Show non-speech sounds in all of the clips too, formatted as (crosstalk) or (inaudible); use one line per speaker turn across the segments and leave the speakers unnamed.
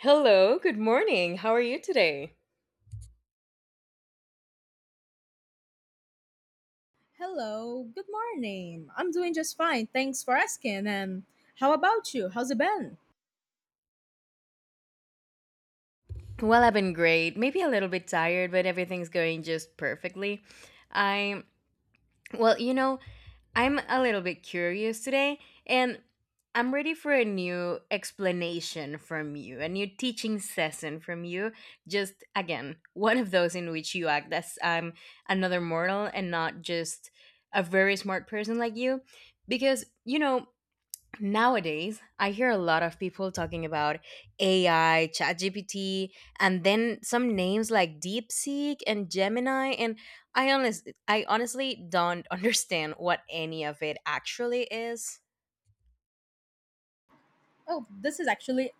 Hello, good morning. How are you today?
Hello, good morning. I'm doing just fine. Thanks for asking. And how about you? How's it been?
Well, I've been great. Maybe a little bit tired, but everything's going just perfectly. I well, you know, I'm a little bit curious today, and I'm ready for a new explanation from you, a new teaching session from you. Just again, one of those in which you act as I'm another mortal and not just a very smart person like you. Because, you know, Nowadays, I hear a lot of people talking about AI, ChatGPT, and then some names like DeepSeek and Gemini, and I honestly don't (laughs) understand what any of it actually is.
Oh, this is actually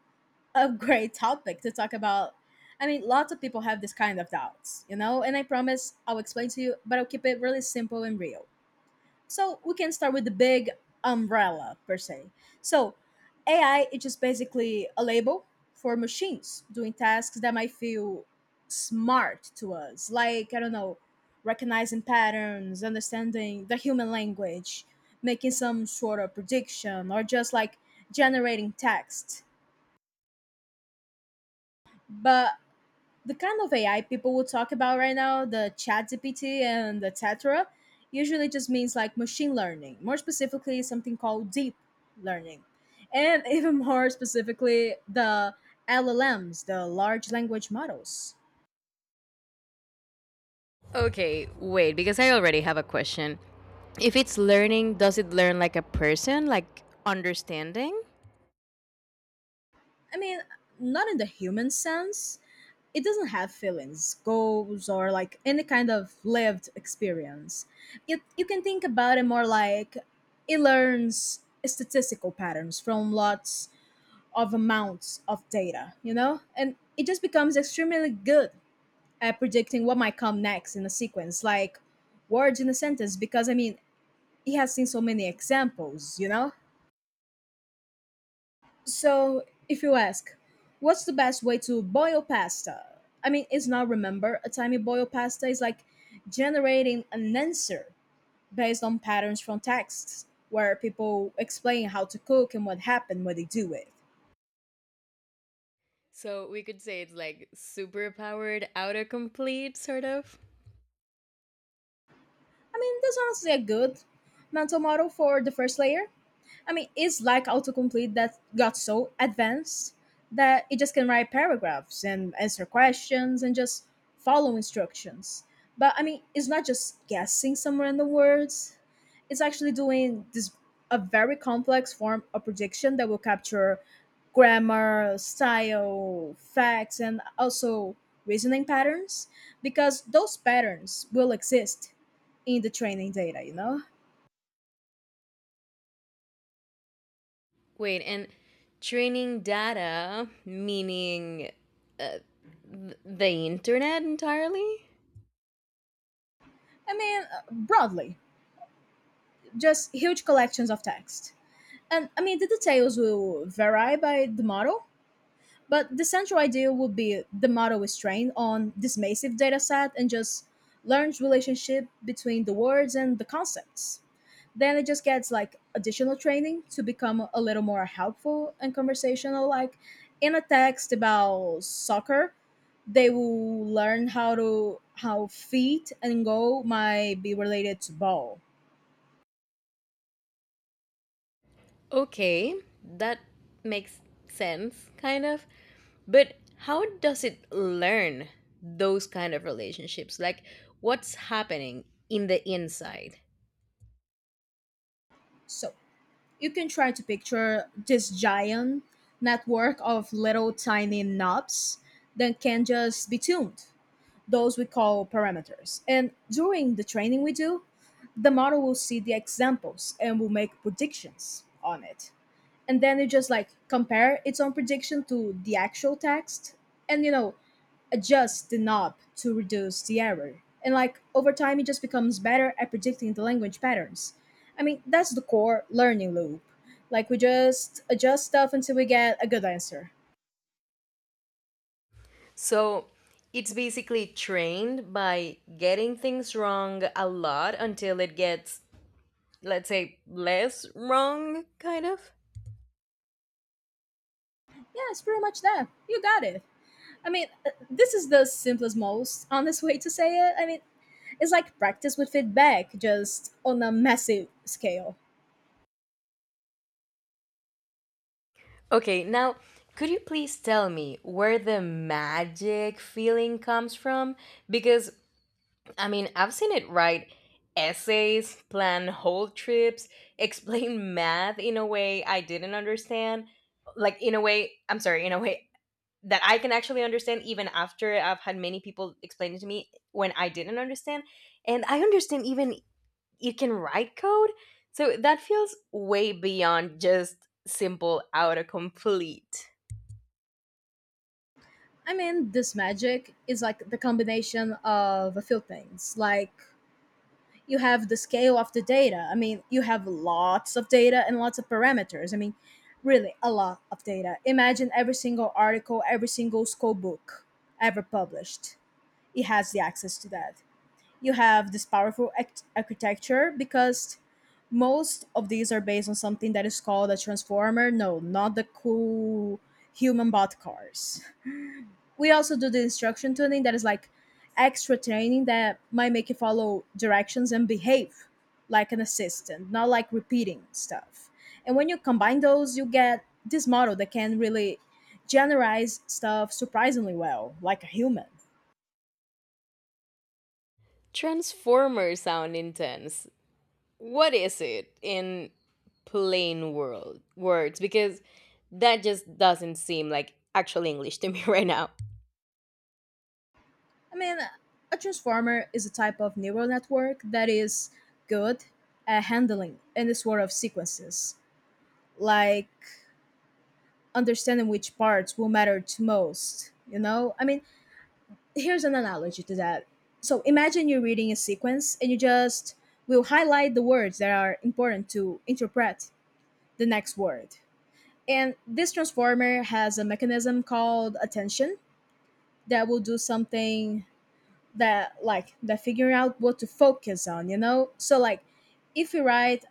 a (laughs) great topic to talk about. I mean, lots of people have this kind of doubts, you know, and I promise I'll explain to you, but I'll keep it really simple and real. So we can start with the big umbrella per se. So AI is just basically a label for machines doing tasks that might feel smart to us, like I don't know, recognizing patterns, understanding the human language, making some sort of prediction, or just like generating text. But the kind of AI people will talk about right now, the chat GPT and etc., usually just means like machine learning, more specifically, something called deep learning. And (laughs) even more specifically, the LLMs, the large language models.
Okay, wait, because I already have a question. If it's learning, does it learn like a person, like understanding?
I mean, not in the human sense. It doesn't have feelings, goals, or like any kind of lived experience. You can think about it more like it learns statistical patterns from lots of amounts of data, you know? And it just becomes extremely good at predicting what might come next in a sequence, like words in a sentence, because I mean, he has seen so many examples, you know? So if you ask, what's the best way to boil pasta? I mean, it's not remember a time you boil pasta is like generating an answer based on patterns from texts where people explain how to cook and what happened when they do it.
So we could say it's like superpowered autocomplete, sort of.
I mean, that's honestly a good mental model for the first layer. I mean, it's like autocomplete that got so advanced that it just can write paragraphs and answer questions and just follow instructions. But I mean, it's not just guessing some random words, it's actually doing this a very complex form of prediction that will capture grammar, style, facts, and also reasoning patterns because those patterns will exist in the training data, you know?
Wait, and training data, meaning uh, the internet entirely?
I mean, broadly, just huge collections of text. And I mean, the details will vary by the model, but the central idea would be the model is trained on this massive dataset and just learns relationship between the words and the concepts. Then it just gets like additional training to become a little more helpful and conversational. Like in a text about soccer, they will learn how feet and goal might be related to ball.
Okay, that makes sense, kind of. But how does it learn those kind of relationships? Like, what's happening in the inside?
So you can try to picture this giant network of little tiny knobs that can just be tuned. Those we call parameters. And during the training we do, the model will see the examples and will make predictions on it. And then you just like compare its own prediction to the actual text. And you know, adjust the knob to reduce the error. And like over time, it just becomes better at predicting the language patterns. I mean, that's the core learning loop. Like we just adjust stuff until we get a good answer.
So, it's basically trained by getting things wrong a lot until it gets, let's say, less wrong, kind of?
Yeah, it's pretty much that. You got it. I mean, this is the simplest, most honest way to say it. I mean, it's like practice with feedback, just on a massive scale.
Okay, now could you please tell me where the magic feeling comes from? Because, I mean, I've seen it write essays, plan whole trips, (laughs) explain math in a way I didn't understand. Like, in a way, I'm sorry, in a way that I can actually understand, even after I've had many people explain it to me when I didn't understand. And I understand even you can write code. So that feels way beyond just simple autocomplete.
I mean, this magic is like the combination of a few things, like you have the scale of the data. I mean, you have lots of data and lots of parameters. I mean, really a lot of data. Imagine every single article, every single school book ever published. It has the access to that. You have this powerful architecture because most of these are based on something that is called a transformer. No, not the cool human bot cars. We also do the instruction tuning that is like extra training that might make you follow directions and behave like an assistant, not like repeating stuff. And when you combine those, you get this model that can really generalize stuff surprisingly well, like a human.
Transformers sound intense. What is it in plain world words? Because that just doesn't seem like actual English to me (laughs) right now.
I mean, a transformer is a type of neural network that is good at handling any sort of sequences, like understanding which parts will matter to most. You know, I mean, here's an analogy to that. So imagine you're reading a sequence and you just will highlight the words that are important to interpret the next word. And this transformer has a mechanism called attention that will do something that, like that, figuring out what to focus on, you know? So like if you write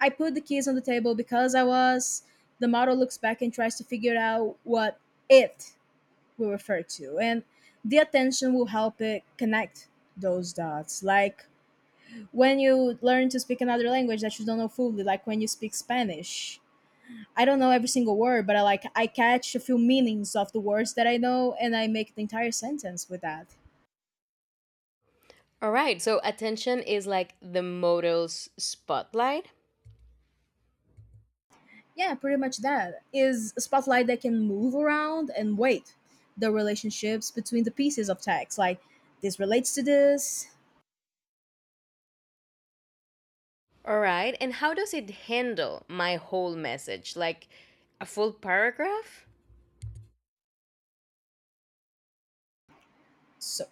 I put the keys on the table because I was, the model looks back and tries to figure out what it we refer to, and the attention will help it connect those dots. Like when you learn to speak another language that you don't know fully, like when you speak Spanish, I don't know every single word, but I catch a few meanings of the words that I know and I make the entire sentence with that.
All right, so attention is like the model's spotlight.
Yeah, pretty much. That is a spotlight that can move around and wait the relationships between the pieces of text, like this relates to this.
All right, and how does it handle my whole message? Like a full paragraph?
So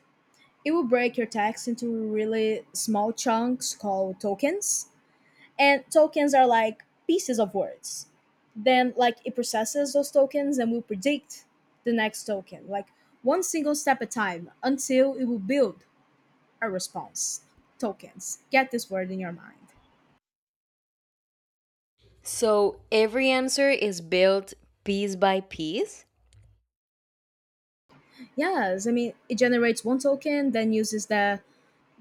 it will break your text into really small chunks called tokens. And tokens are like pieces of words. Then, like, it processes those tokens and will predict the next token, like one single step at a time until it will build a response. Tokens. Get this word in your mind.
So every answer is built piece by piece.
Yes, I mean, it generates one token, then uses the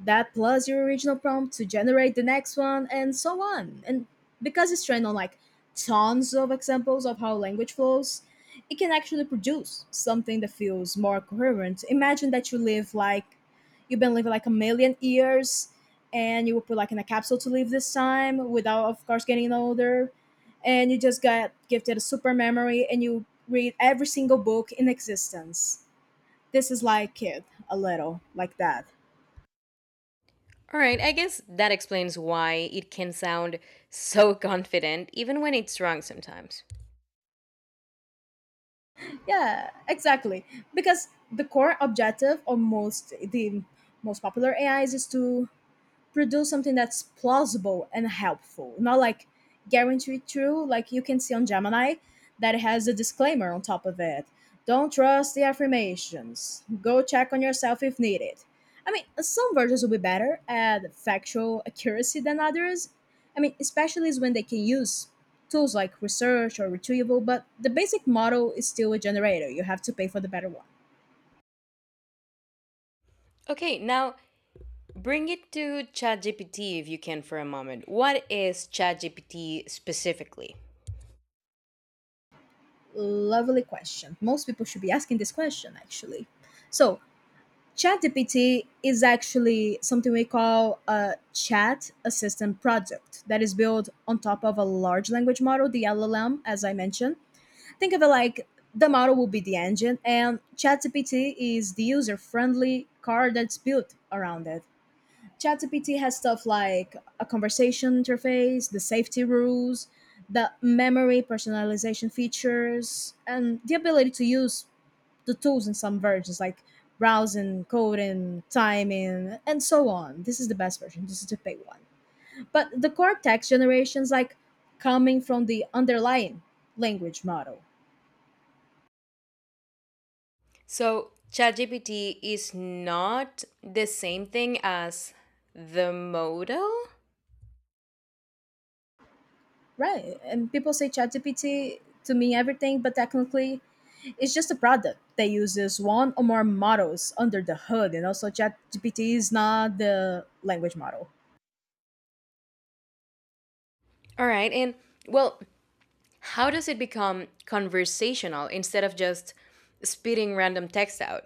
that plus your original prompt to generate the next one, and so on. And because it's trained on like tons of examples of how language flows, it can actually produce something that feels more coherent. Imagine that you live like you've been living like a million years and you were put like in a capsule to live this time without of course getting older, and you just got gifted a super memory and you read every single book in existence. This is like it a little like that.
All right, I guess that explains why it can sound so (laughs) confident, even when it's wrong sometimes.
Yeah, exactly. Because the core objective of most popular AIs is to produce something that's plausible and helpful, not like guaranteed true, like you can see on Gemini that has a disclaimer on top of it. Don't trust the affirmations. Go check on yourself if needed. I mean, some versions will be better at factual accuracy than others. I mean, especially when they can use tools like research or retrieval, but the basic model is still a generator. You have to pay for the better one.
Okay, now bring it to ChatGPT if you can for a moment. What is ChatGPT specifically?
Lovely question. Most people should be asking this question actually. So, ChatGPT is actually something we call a chat assistant product that is built on top of a large language model, the LLM, as I mentioned. Think of it like the model will be the engine, and ChatGPT is the user friendly car that's built around it. ChatGPT has stuff like a conversation interface, the safety rules, the memory personalization features, and the ability to use the tools in some versions like browsing, coding, timing, and so on. This is the best version. This is the paid one. But the core text generations like coming from the underlying language model.
So, ChatGPT is not the same thing as the modal.
Right. And people say ChatGPT to mean everything, but technically, it's just a product that uses one or more models under the hood. And also, ChatGPT is not the language model.
All right, and well, how does it become conversational instead of just spitting random text out?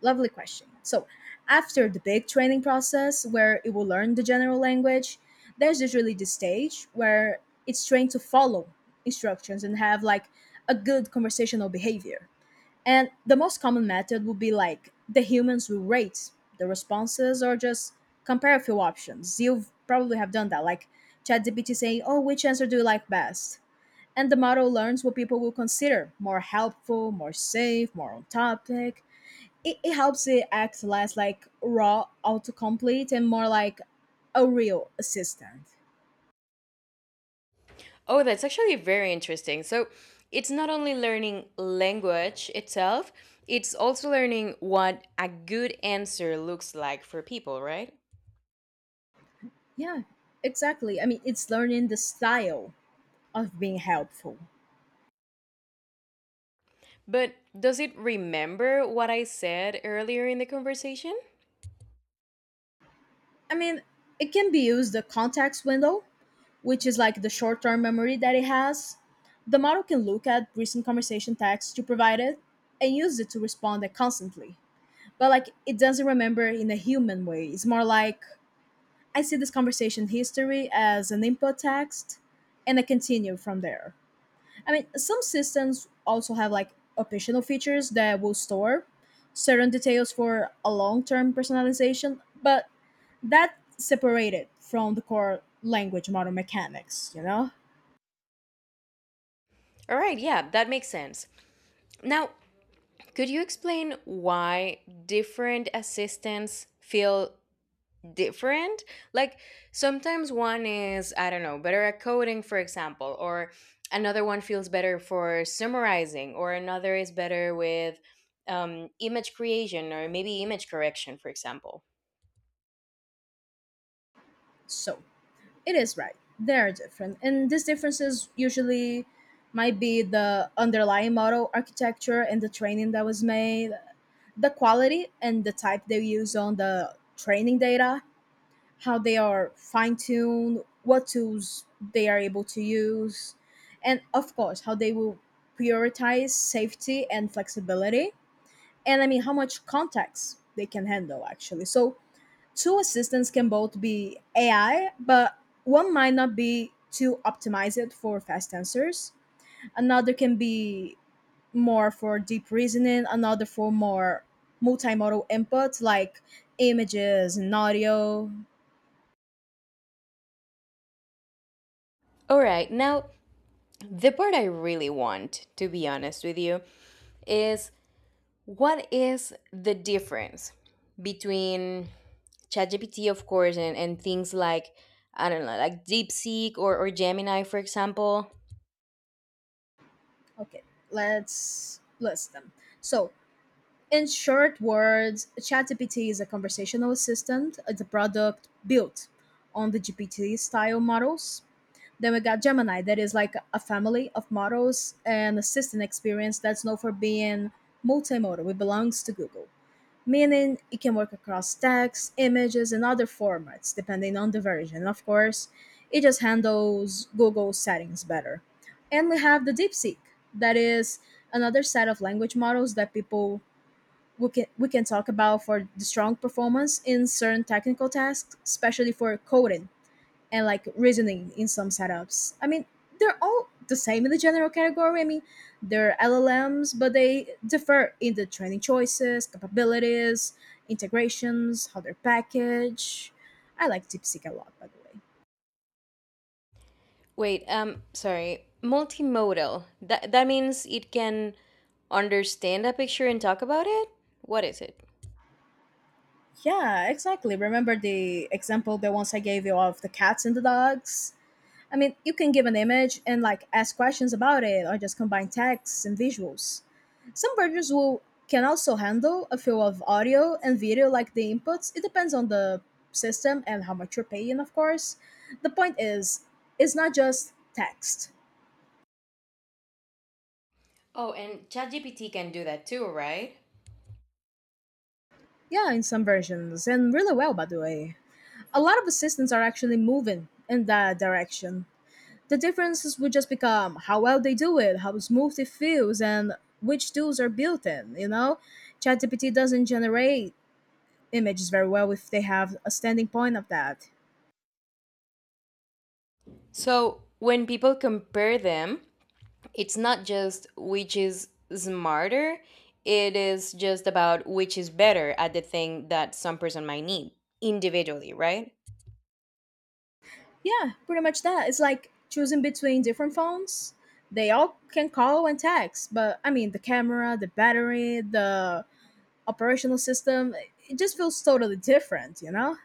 Lovely question. So, after the big training process where it will learn the general language, there's usually the stage where it's trained to follow instructions and have like a good conversational behavior. And the most common method would be like the humans will rate the responses or just compare a few options. You have probably have done that, like ChatGPT saying, "Oh, which answer do you like best?" And the model learns what people will consider more helpful, more safe, more on topic. It helps it act less like raw autocomplete and more like a real assistant.
Oh, that's actually very interesting. So it's not only learning language itself, it's also learning what a good answer looks like for people, right?
Yeah, exactly. I mean, it's learning the style of being helpful.
But does it remember what I said earlier in the conversation?
I mean, it can be used the context window, which is like the short term memory that it has. The model can look at recent conversation text you provided and use it to respond constantly. But like it doesn't remember in a human way. It's more like I see this conversation history as an input text and I continue from there. I mean, some systems also have like optional features that will store certain details for a long term personalization, but that separated from the core language model mechanics, you know?
All right, yeah, that makes sense. Now, could you explain why different assistants feel different. Like sometimes one is, I don't know, better at coding, for example, or another one feels better for summarizing, or another is better with image creation or maybe image correction, for example.
So it is right. They are different. And these differences usually might be the underlying model architecture and the training that was made, the quality and the type they use on the training data, how they are fine tuned, what tools they are able to use, and of course, how they will prioritize safety and flexibility and I mean how much context they can handle actually. So two assistants can both be AI, but one might not be too optimized for fast answers. Another can be more for deep reasoning, another for more multimodal input like images and audio.
All right, now the part I really want, to be honest with you, is what is the difference between ChatGPT, of course, and things like, I don't know, like DeepSeek or Gemini, for example?
Okay, let's list them. So In short words, ChatGPT is a conversational assistant. It's a product built on the GPT style models. Then we got Gemini, that is like a family of models and assistant experience that's known for being multimodal. It belongs to Google, meaning it can work across text, images, and other formats depending on the version. And of course, it just handles Google settings better. And we have the DeepSeek, that is another set of language models that people we can talk about for the strong performance in certain technical tasks, especially for coding and like reasoning in some setups. I mean, they're all the same in the general category. I mean, they're LLMs, but they differ in the training choices, capabilities, integrations, how they're packaged. I like DeepSeek a lot, by the way.
Wait, sorry. Multimodal. That means it can understand a picture and talk about it? What is it?
Yeah, exactly. Remember the example that once I gave you of the cats and the dogs? I mean, you can give an image and like ask questions about it or just combine texts and visuals. Some browsers will can also handle a few of audio and video like the inputs. It depends on the system and how much you're paying, of course. The point is, it's not just text.
Oh, and ChatGPT can do that too, right?
Yeah, in some versions, and really well, by the way. A lot of assistants are actually moving in that direction. The differences would just become how well they do it, how smooth it feels, and which tools are built in. You know, ChatGPT doesn't generate images very well if they have a standing point of that.
So, when people compare them, it's not just which is smarter, it is just about which is better at the thing that some person might need individually, right?
Yeah, pretty much that. It's like choosing between different phones. They all can call and text, but I mean, the camera, the battery, the operational system, it just feels totally different, you know?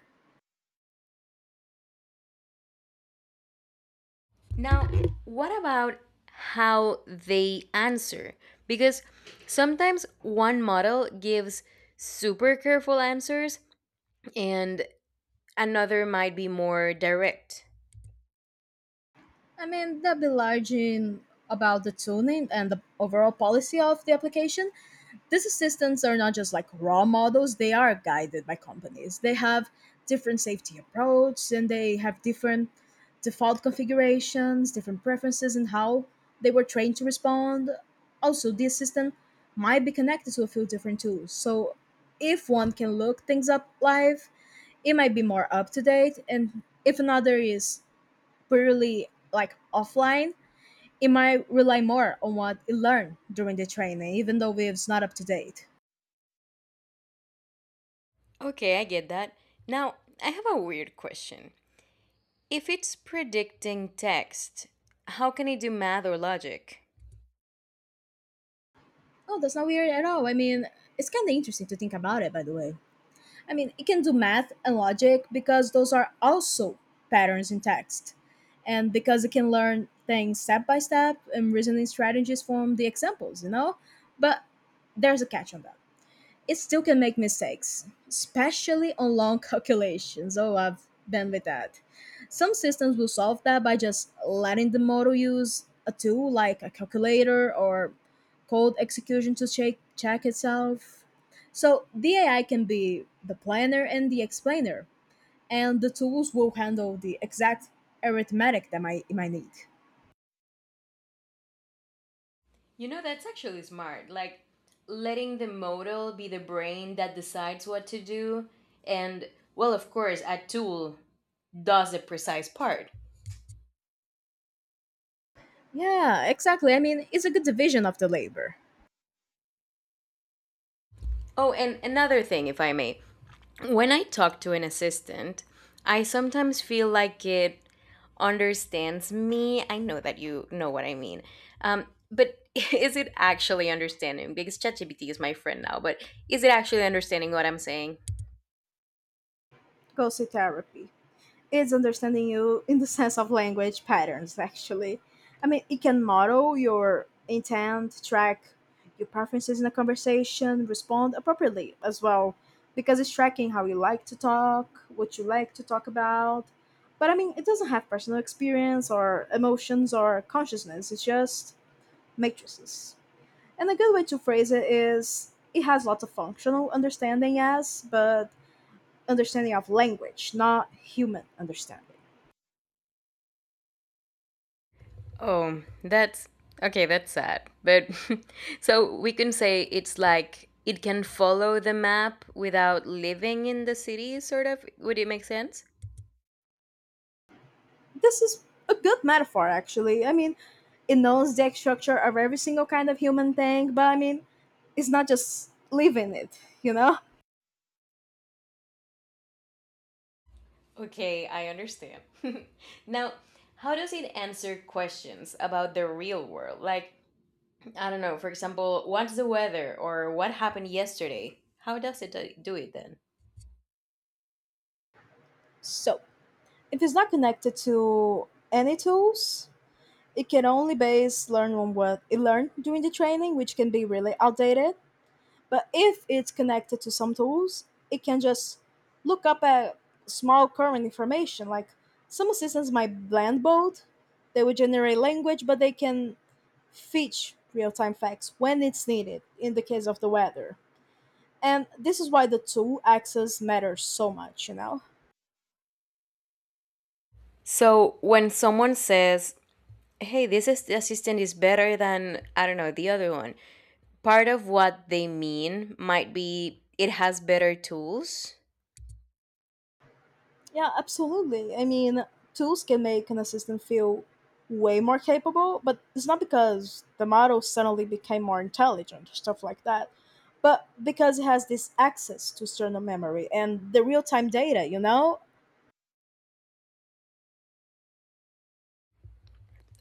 Now, what about how they answer? Because sometimes one model gives super careful answers and another might be more direct.
I mean, that'd be largely about the tuning and the overall policy of the application. These assistants are not just like raw models, they are guided by companies. They have different safety approach and they have different default configurations, different preferences and how they were trained to respond. Also the assistant might be connected to a few different tools. So if one can look things up live, it might be more up to date, and if another is purely like offline, it might rely more on what it learned during the training even though it's not up to date.
Okay, I get that. Now, I have a weird question. If it's predicting text, how can it do math or logic?
Oh, that's not weird at all. I mean, it's kind of interesting to think about it, by the way. I mean, it can do math and logic because those are also patterns in text. And because it can learn things step by step and reasoning strategies from the examples, you know? But there's a catch on that. It still can make mistakes, especially on long (laughs) calculations. Oh, I've been with that. Some systems will solve that by just letting the model use a tool like a calculator or code execution to check itself. So the AI can be the planner and the explainer, and the tools will handle the exact arithmetic that it might need.
You know, that's actually smart. Like, letting the model be the brain that decides what to do, and, well, of course, a tool does the precise part.
Yeah, exactly. I mean, it's a good division of the labor.
Oh, and another thing, if I may. When I talk to an assistant, I sometimes feel like it understands me. I know that you know what I mean. Um, but (laughs) is it actually understanding? Because ChatGPT is my friend now, but is it actually understanding what I'm saying?
Go see therapy. It's understanding you in the sense of language patterns, actually. I mean, it can model your intent, track your preferences in a conversation, respond appropriately as well, because it's tracking how you like to talk, what you like to talk about. But I mean, it doesn't have personal experience or emotions or consciousness, it's just matrices. And a good way to phrase it is it has lots of functional understanding, yes, but understanding of language, not human understanding.
Oh, that's sad. But (laughs) so we can say it's like it can follow the map without living in the city, sort of. Would it make sense?
This is a good metaphor, actually. I mean, it knows the exact structure of every single kind of human thing, but I mean, it's not just living it, you know?
Okay, I understand. (laughs) Now, how does it answer questions about the real world? Like, I don't know, for example, what's the weather or what happened yesterday? How does it do it then?
So, if it's not connected to any tools, it can only base learn on what it learned during the training, which can be really outdated. But if it's connected to some tools, it can just look up at small current information. Like some systems might blend both, they would generate language, but they can fetch real-time facts when it's needed in the case of the weather. And this is why the tool access matters so much, you know?
So, when someone says, hey, assistant is better than, I don't know, the other one, part of what they mean might be it has better tools.
Yeah, absolutely. I mean, tools can make an assistant feel way more capable, but it's not because the model suddenly became more intelligent, stuff like that, but because it has this access to external memory and the real time data, you know?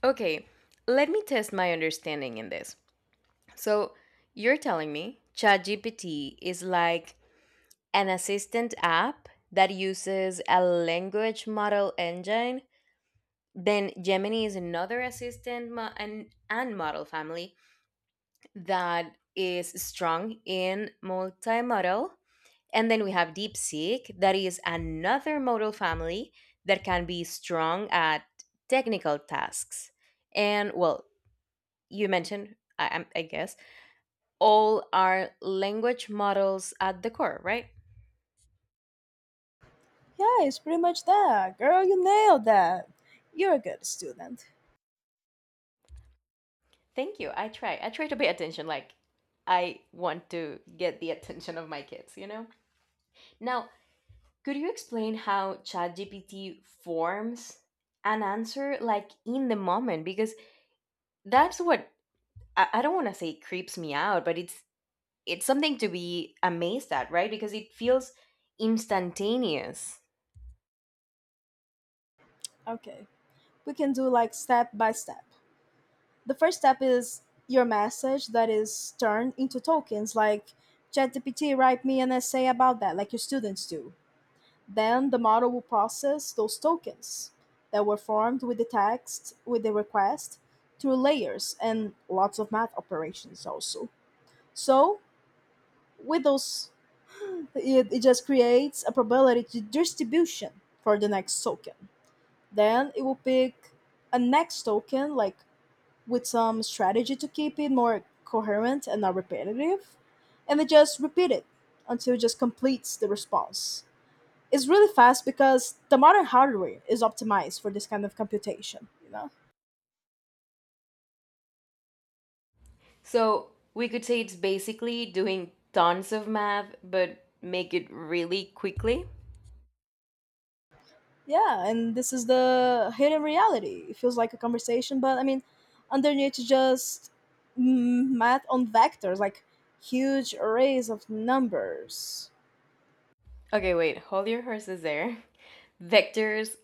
Okay, let me test my understanding in this. So, you're telling me ChatGPT is like an assistant app that uses a language model engine. Then Gemini is another assistant mo- and model family that is strong in multimodal. And then we have DeepSeek, that is another model family that can be strong at technical tasks. And well, you mentioned, I guess all are language models at the core, right?
Yeah, it's pretty much that. Girl, you nailed that. You're a good student.
Thank you. I try. I try to pay attention. Like, I want to get the attention of my kids, you know? Now, could you explain how ChatGPT forms an answer, like, in the moment? Because that's what I don't want to say creeps me out, but it's something to be amazed at, right? Because it feels instantaneous.
Okay, we can do like step by step. The first step is your message that is turned into tokens, like ChatGPT write me an essay about that like your students do. Then the model will process those tokens that were formed with the text with the request through layers and lots of math operations also. So with those it just creates a probability distribution for the next token. Then it will pick a next token like with some strategy to keep it more coherent and not repetitive. And they just repeat it until it just completes the response. It's really fast because the modern hardware is optimized for this kind of computation, you know?
So we could say it's basically doing tons of math, but make it really quickly.
Yeah, and this is the hidden reality. It feels like a conversation, but I mean, underneath is just math on vectors, like huge arrays of numbers.
Okay, wait, hold your horses there. Vectors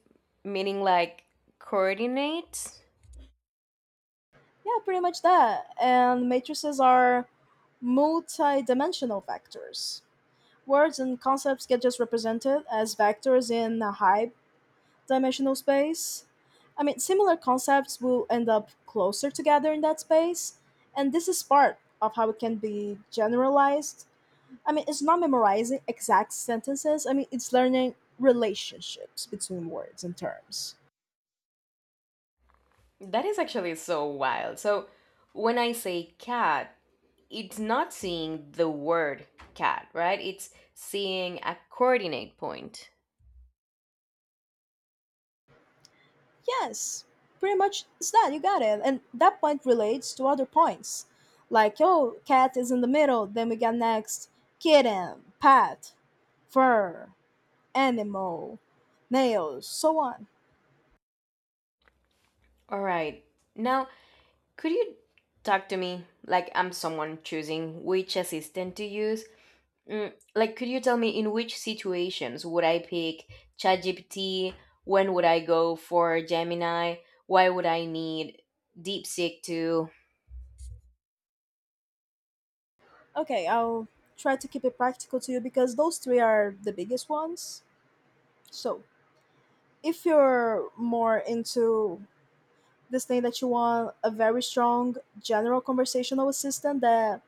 meaning like coordinate.
Yeah, pretty much that. And matrices are multi-dimensional vectors. Words and concepts get just represented as vectors in a high dimensional space. I mean, similar concepts will end up closer together in that space, and this is part of how it can be generalized. I mean, it's not memorizing exact sentences, I mean, it's learning relationships between words and terms.
That is actually so wild. So when I say cat, it's not seeing the word cat, right? It's seeing a coordinate point.
Yes, pretty much it's that, you got it. And that point relates to other points. Like, oh, cat is in the middle, then we got next kitten, pet, fur, animal, nails, so on.
All right. Now, could you talk to me like I'm someone choosing which assistant to use. Mm, like, could you tell me in which situations would I pick ChatGPT? When would I go for Gemini? Why would I need DeepSeek too?
Okay, I'll try to keep it practical to you because those three are the biggest ones. So, if you're more into this thing that you want a very strong general conversational assistant that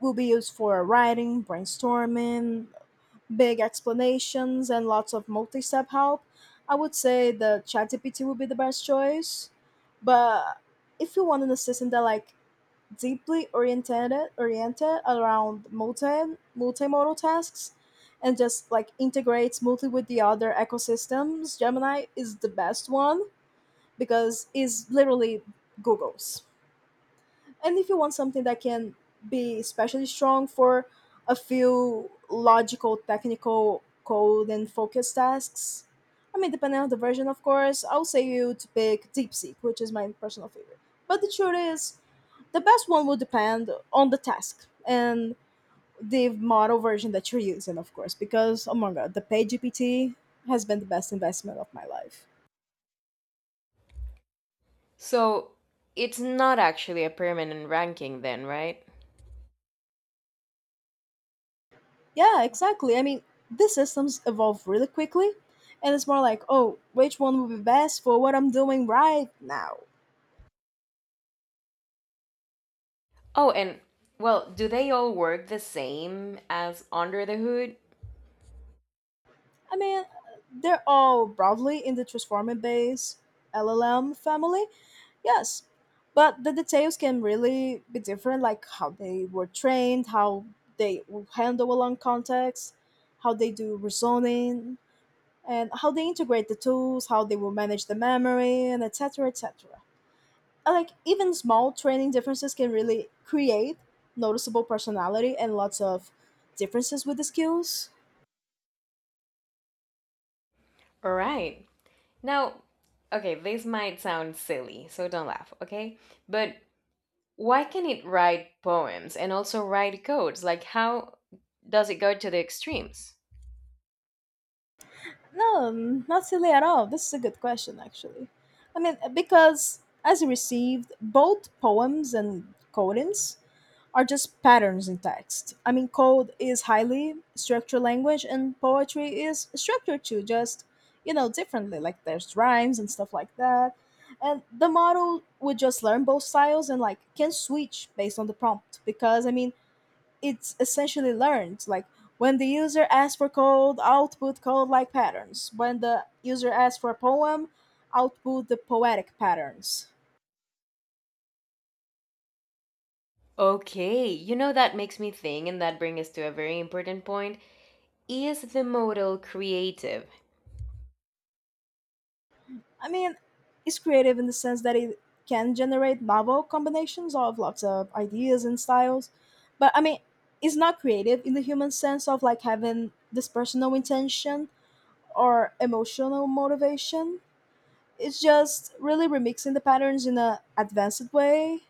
will be used for writing, brainstorming, big explanations and lots of multi-step help, I would say the ChatGPT would be the best choice. But if you want an assistant that like deeply oriented around multimodal tasks and just like integrates multi with the other ecosystems, Gemini is the best one because it's literally Google's. And if you want something that can be especially strong for a few logical technical code and focus tasks, I mean depending on the version of course, I'll say you to pick DeepSeek, which is my personal favorite. But the truth is the best one will depend on the task and the model version that you're using, of course, because oh my god, the paid has been the best investment of my life.
So, it's not actually a permanent ranking then, right?
Yeah, exactly. I mean, these systems evolve really quickly, and it's more like, oh, which one will be best for what I'm doing right now?
Oh, and well, do they all work the same as under the hood?
I mean, they're all broadly in the transformer based LLM family, yes, but the details can really be different, like how they were trained, how they will handle a long context, how they do reasoning, and how they integrate the tools, how they will manage the memory, and et cetera, et cetera. Like even small training differences can really create noticeable personality and lots of differences with the skills.
All right. Now, okay, this might sound silly, so don't laugh, okay? But why can it write poems and also write codes? Like, how does it go to the extremes?
No, not silly at all, this is a good question actually. I mean, because as you received, both poems and codings are just patterns in text. I mean, code is highly structured language, and poetry is structured too, just you know, differently. Like there's rhymes and stuff like that. And the model would just learn both styles and like can switch based on the prompt because I mean, it's essentially learned. Like when the user asks for code, output code like patterns. When the user asks for a poem, output the poetic patterns.
Okay, you know that makes me think, and that brings us to a very important point. Is the modal creative?
I mean, it's creative in the sense that it can generate novel combinations of lots of ideas and styles. But I mean, it's not creative in the human sense of like having this personal intention or emotional motivation. It's just really remixing the patterns in a advanced way.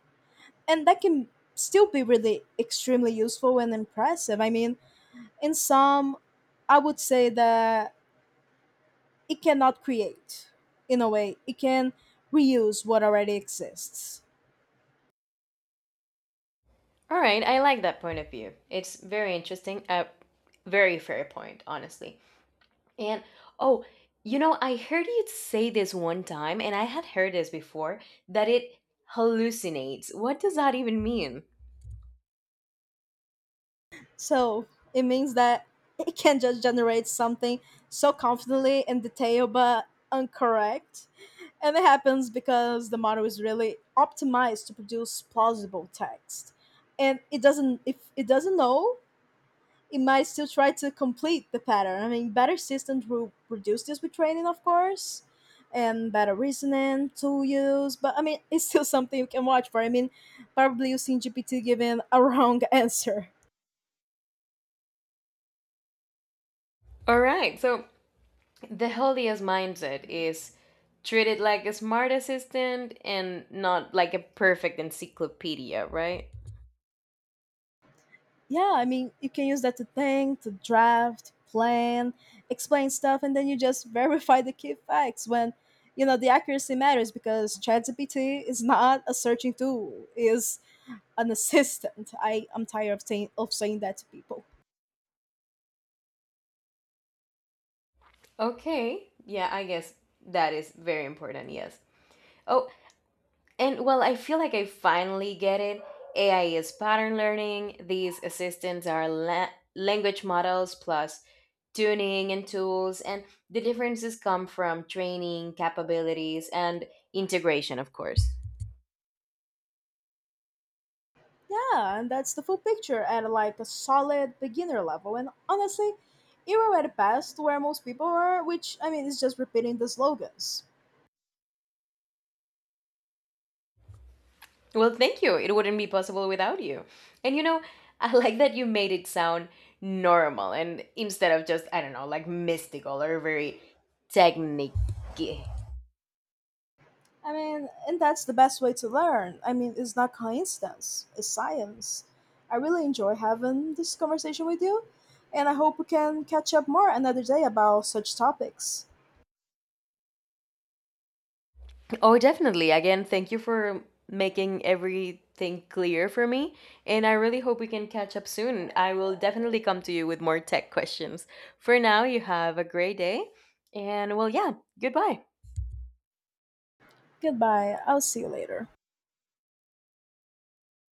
And that can still be really extremely useful and impressive. I mean, in some, I would say that it cannot create. In a way it can reuse what already exists.
All right, I like that point of view. It's very interesting, a very fair point, honestly. And oh, you know, I heard you say this one time, and I had heard this before, that it hallucinates. What does that even mean?
So it means that (laughs) it can just generate something so confidently and detailed but incorrect. And it happens because the model is really optimized to produce plausible text, and it doesn't, if it doesn't know, it might still try to complete the pattern. I mean, better systems will reduce this with training, of course, and better reasoning, tool use. But I mean, it's still (laughs) something you can watch for. I mean, probably using GPT giving a wrong (laughs) answer.
All right, so the healthiest mindset is treat it like a smart assistant and not like a perfect encyclopedia, right?
Yeah, I mean, you can use that to think, to draft, plan, explain stuff, and then you just (laughs) verify the key facts when you know the accuracy matters because ChatGPT is not a searching tool; is an assistant. I am tired of saying that to people.
Okay. Yeah, I guess that is very important, yes. Oh, and well, I feel like I finally get it. AI is pattern learning, these assistants are language models plus tuning and tools, and the differences come from training, capabilities, and integration, of course.
Yeah, and that's the full picture at like a solid beginner level. And honestly, you're at a past where most people are, which I mean is just repeating the slogans.
Well, thank you. It wouldn't be possible without you. And you know, I (laughs) like that you made it sound normal and instead of just, I don't know, like mystical or very technique.
I mean, and that's the best way to learn. I mean, it's not coincidence, it's science. I really enjoy having this conversation with you, and I hope we can catch up more another day about such topics.
Oh, definitely. Again, thank you for making everything clear for me. And I really hope we can catch up soon. I will definitely come to you with more tech questions. For now, you have a great day. And well, yeah, goodbye.
Goodbye, I'll see you later.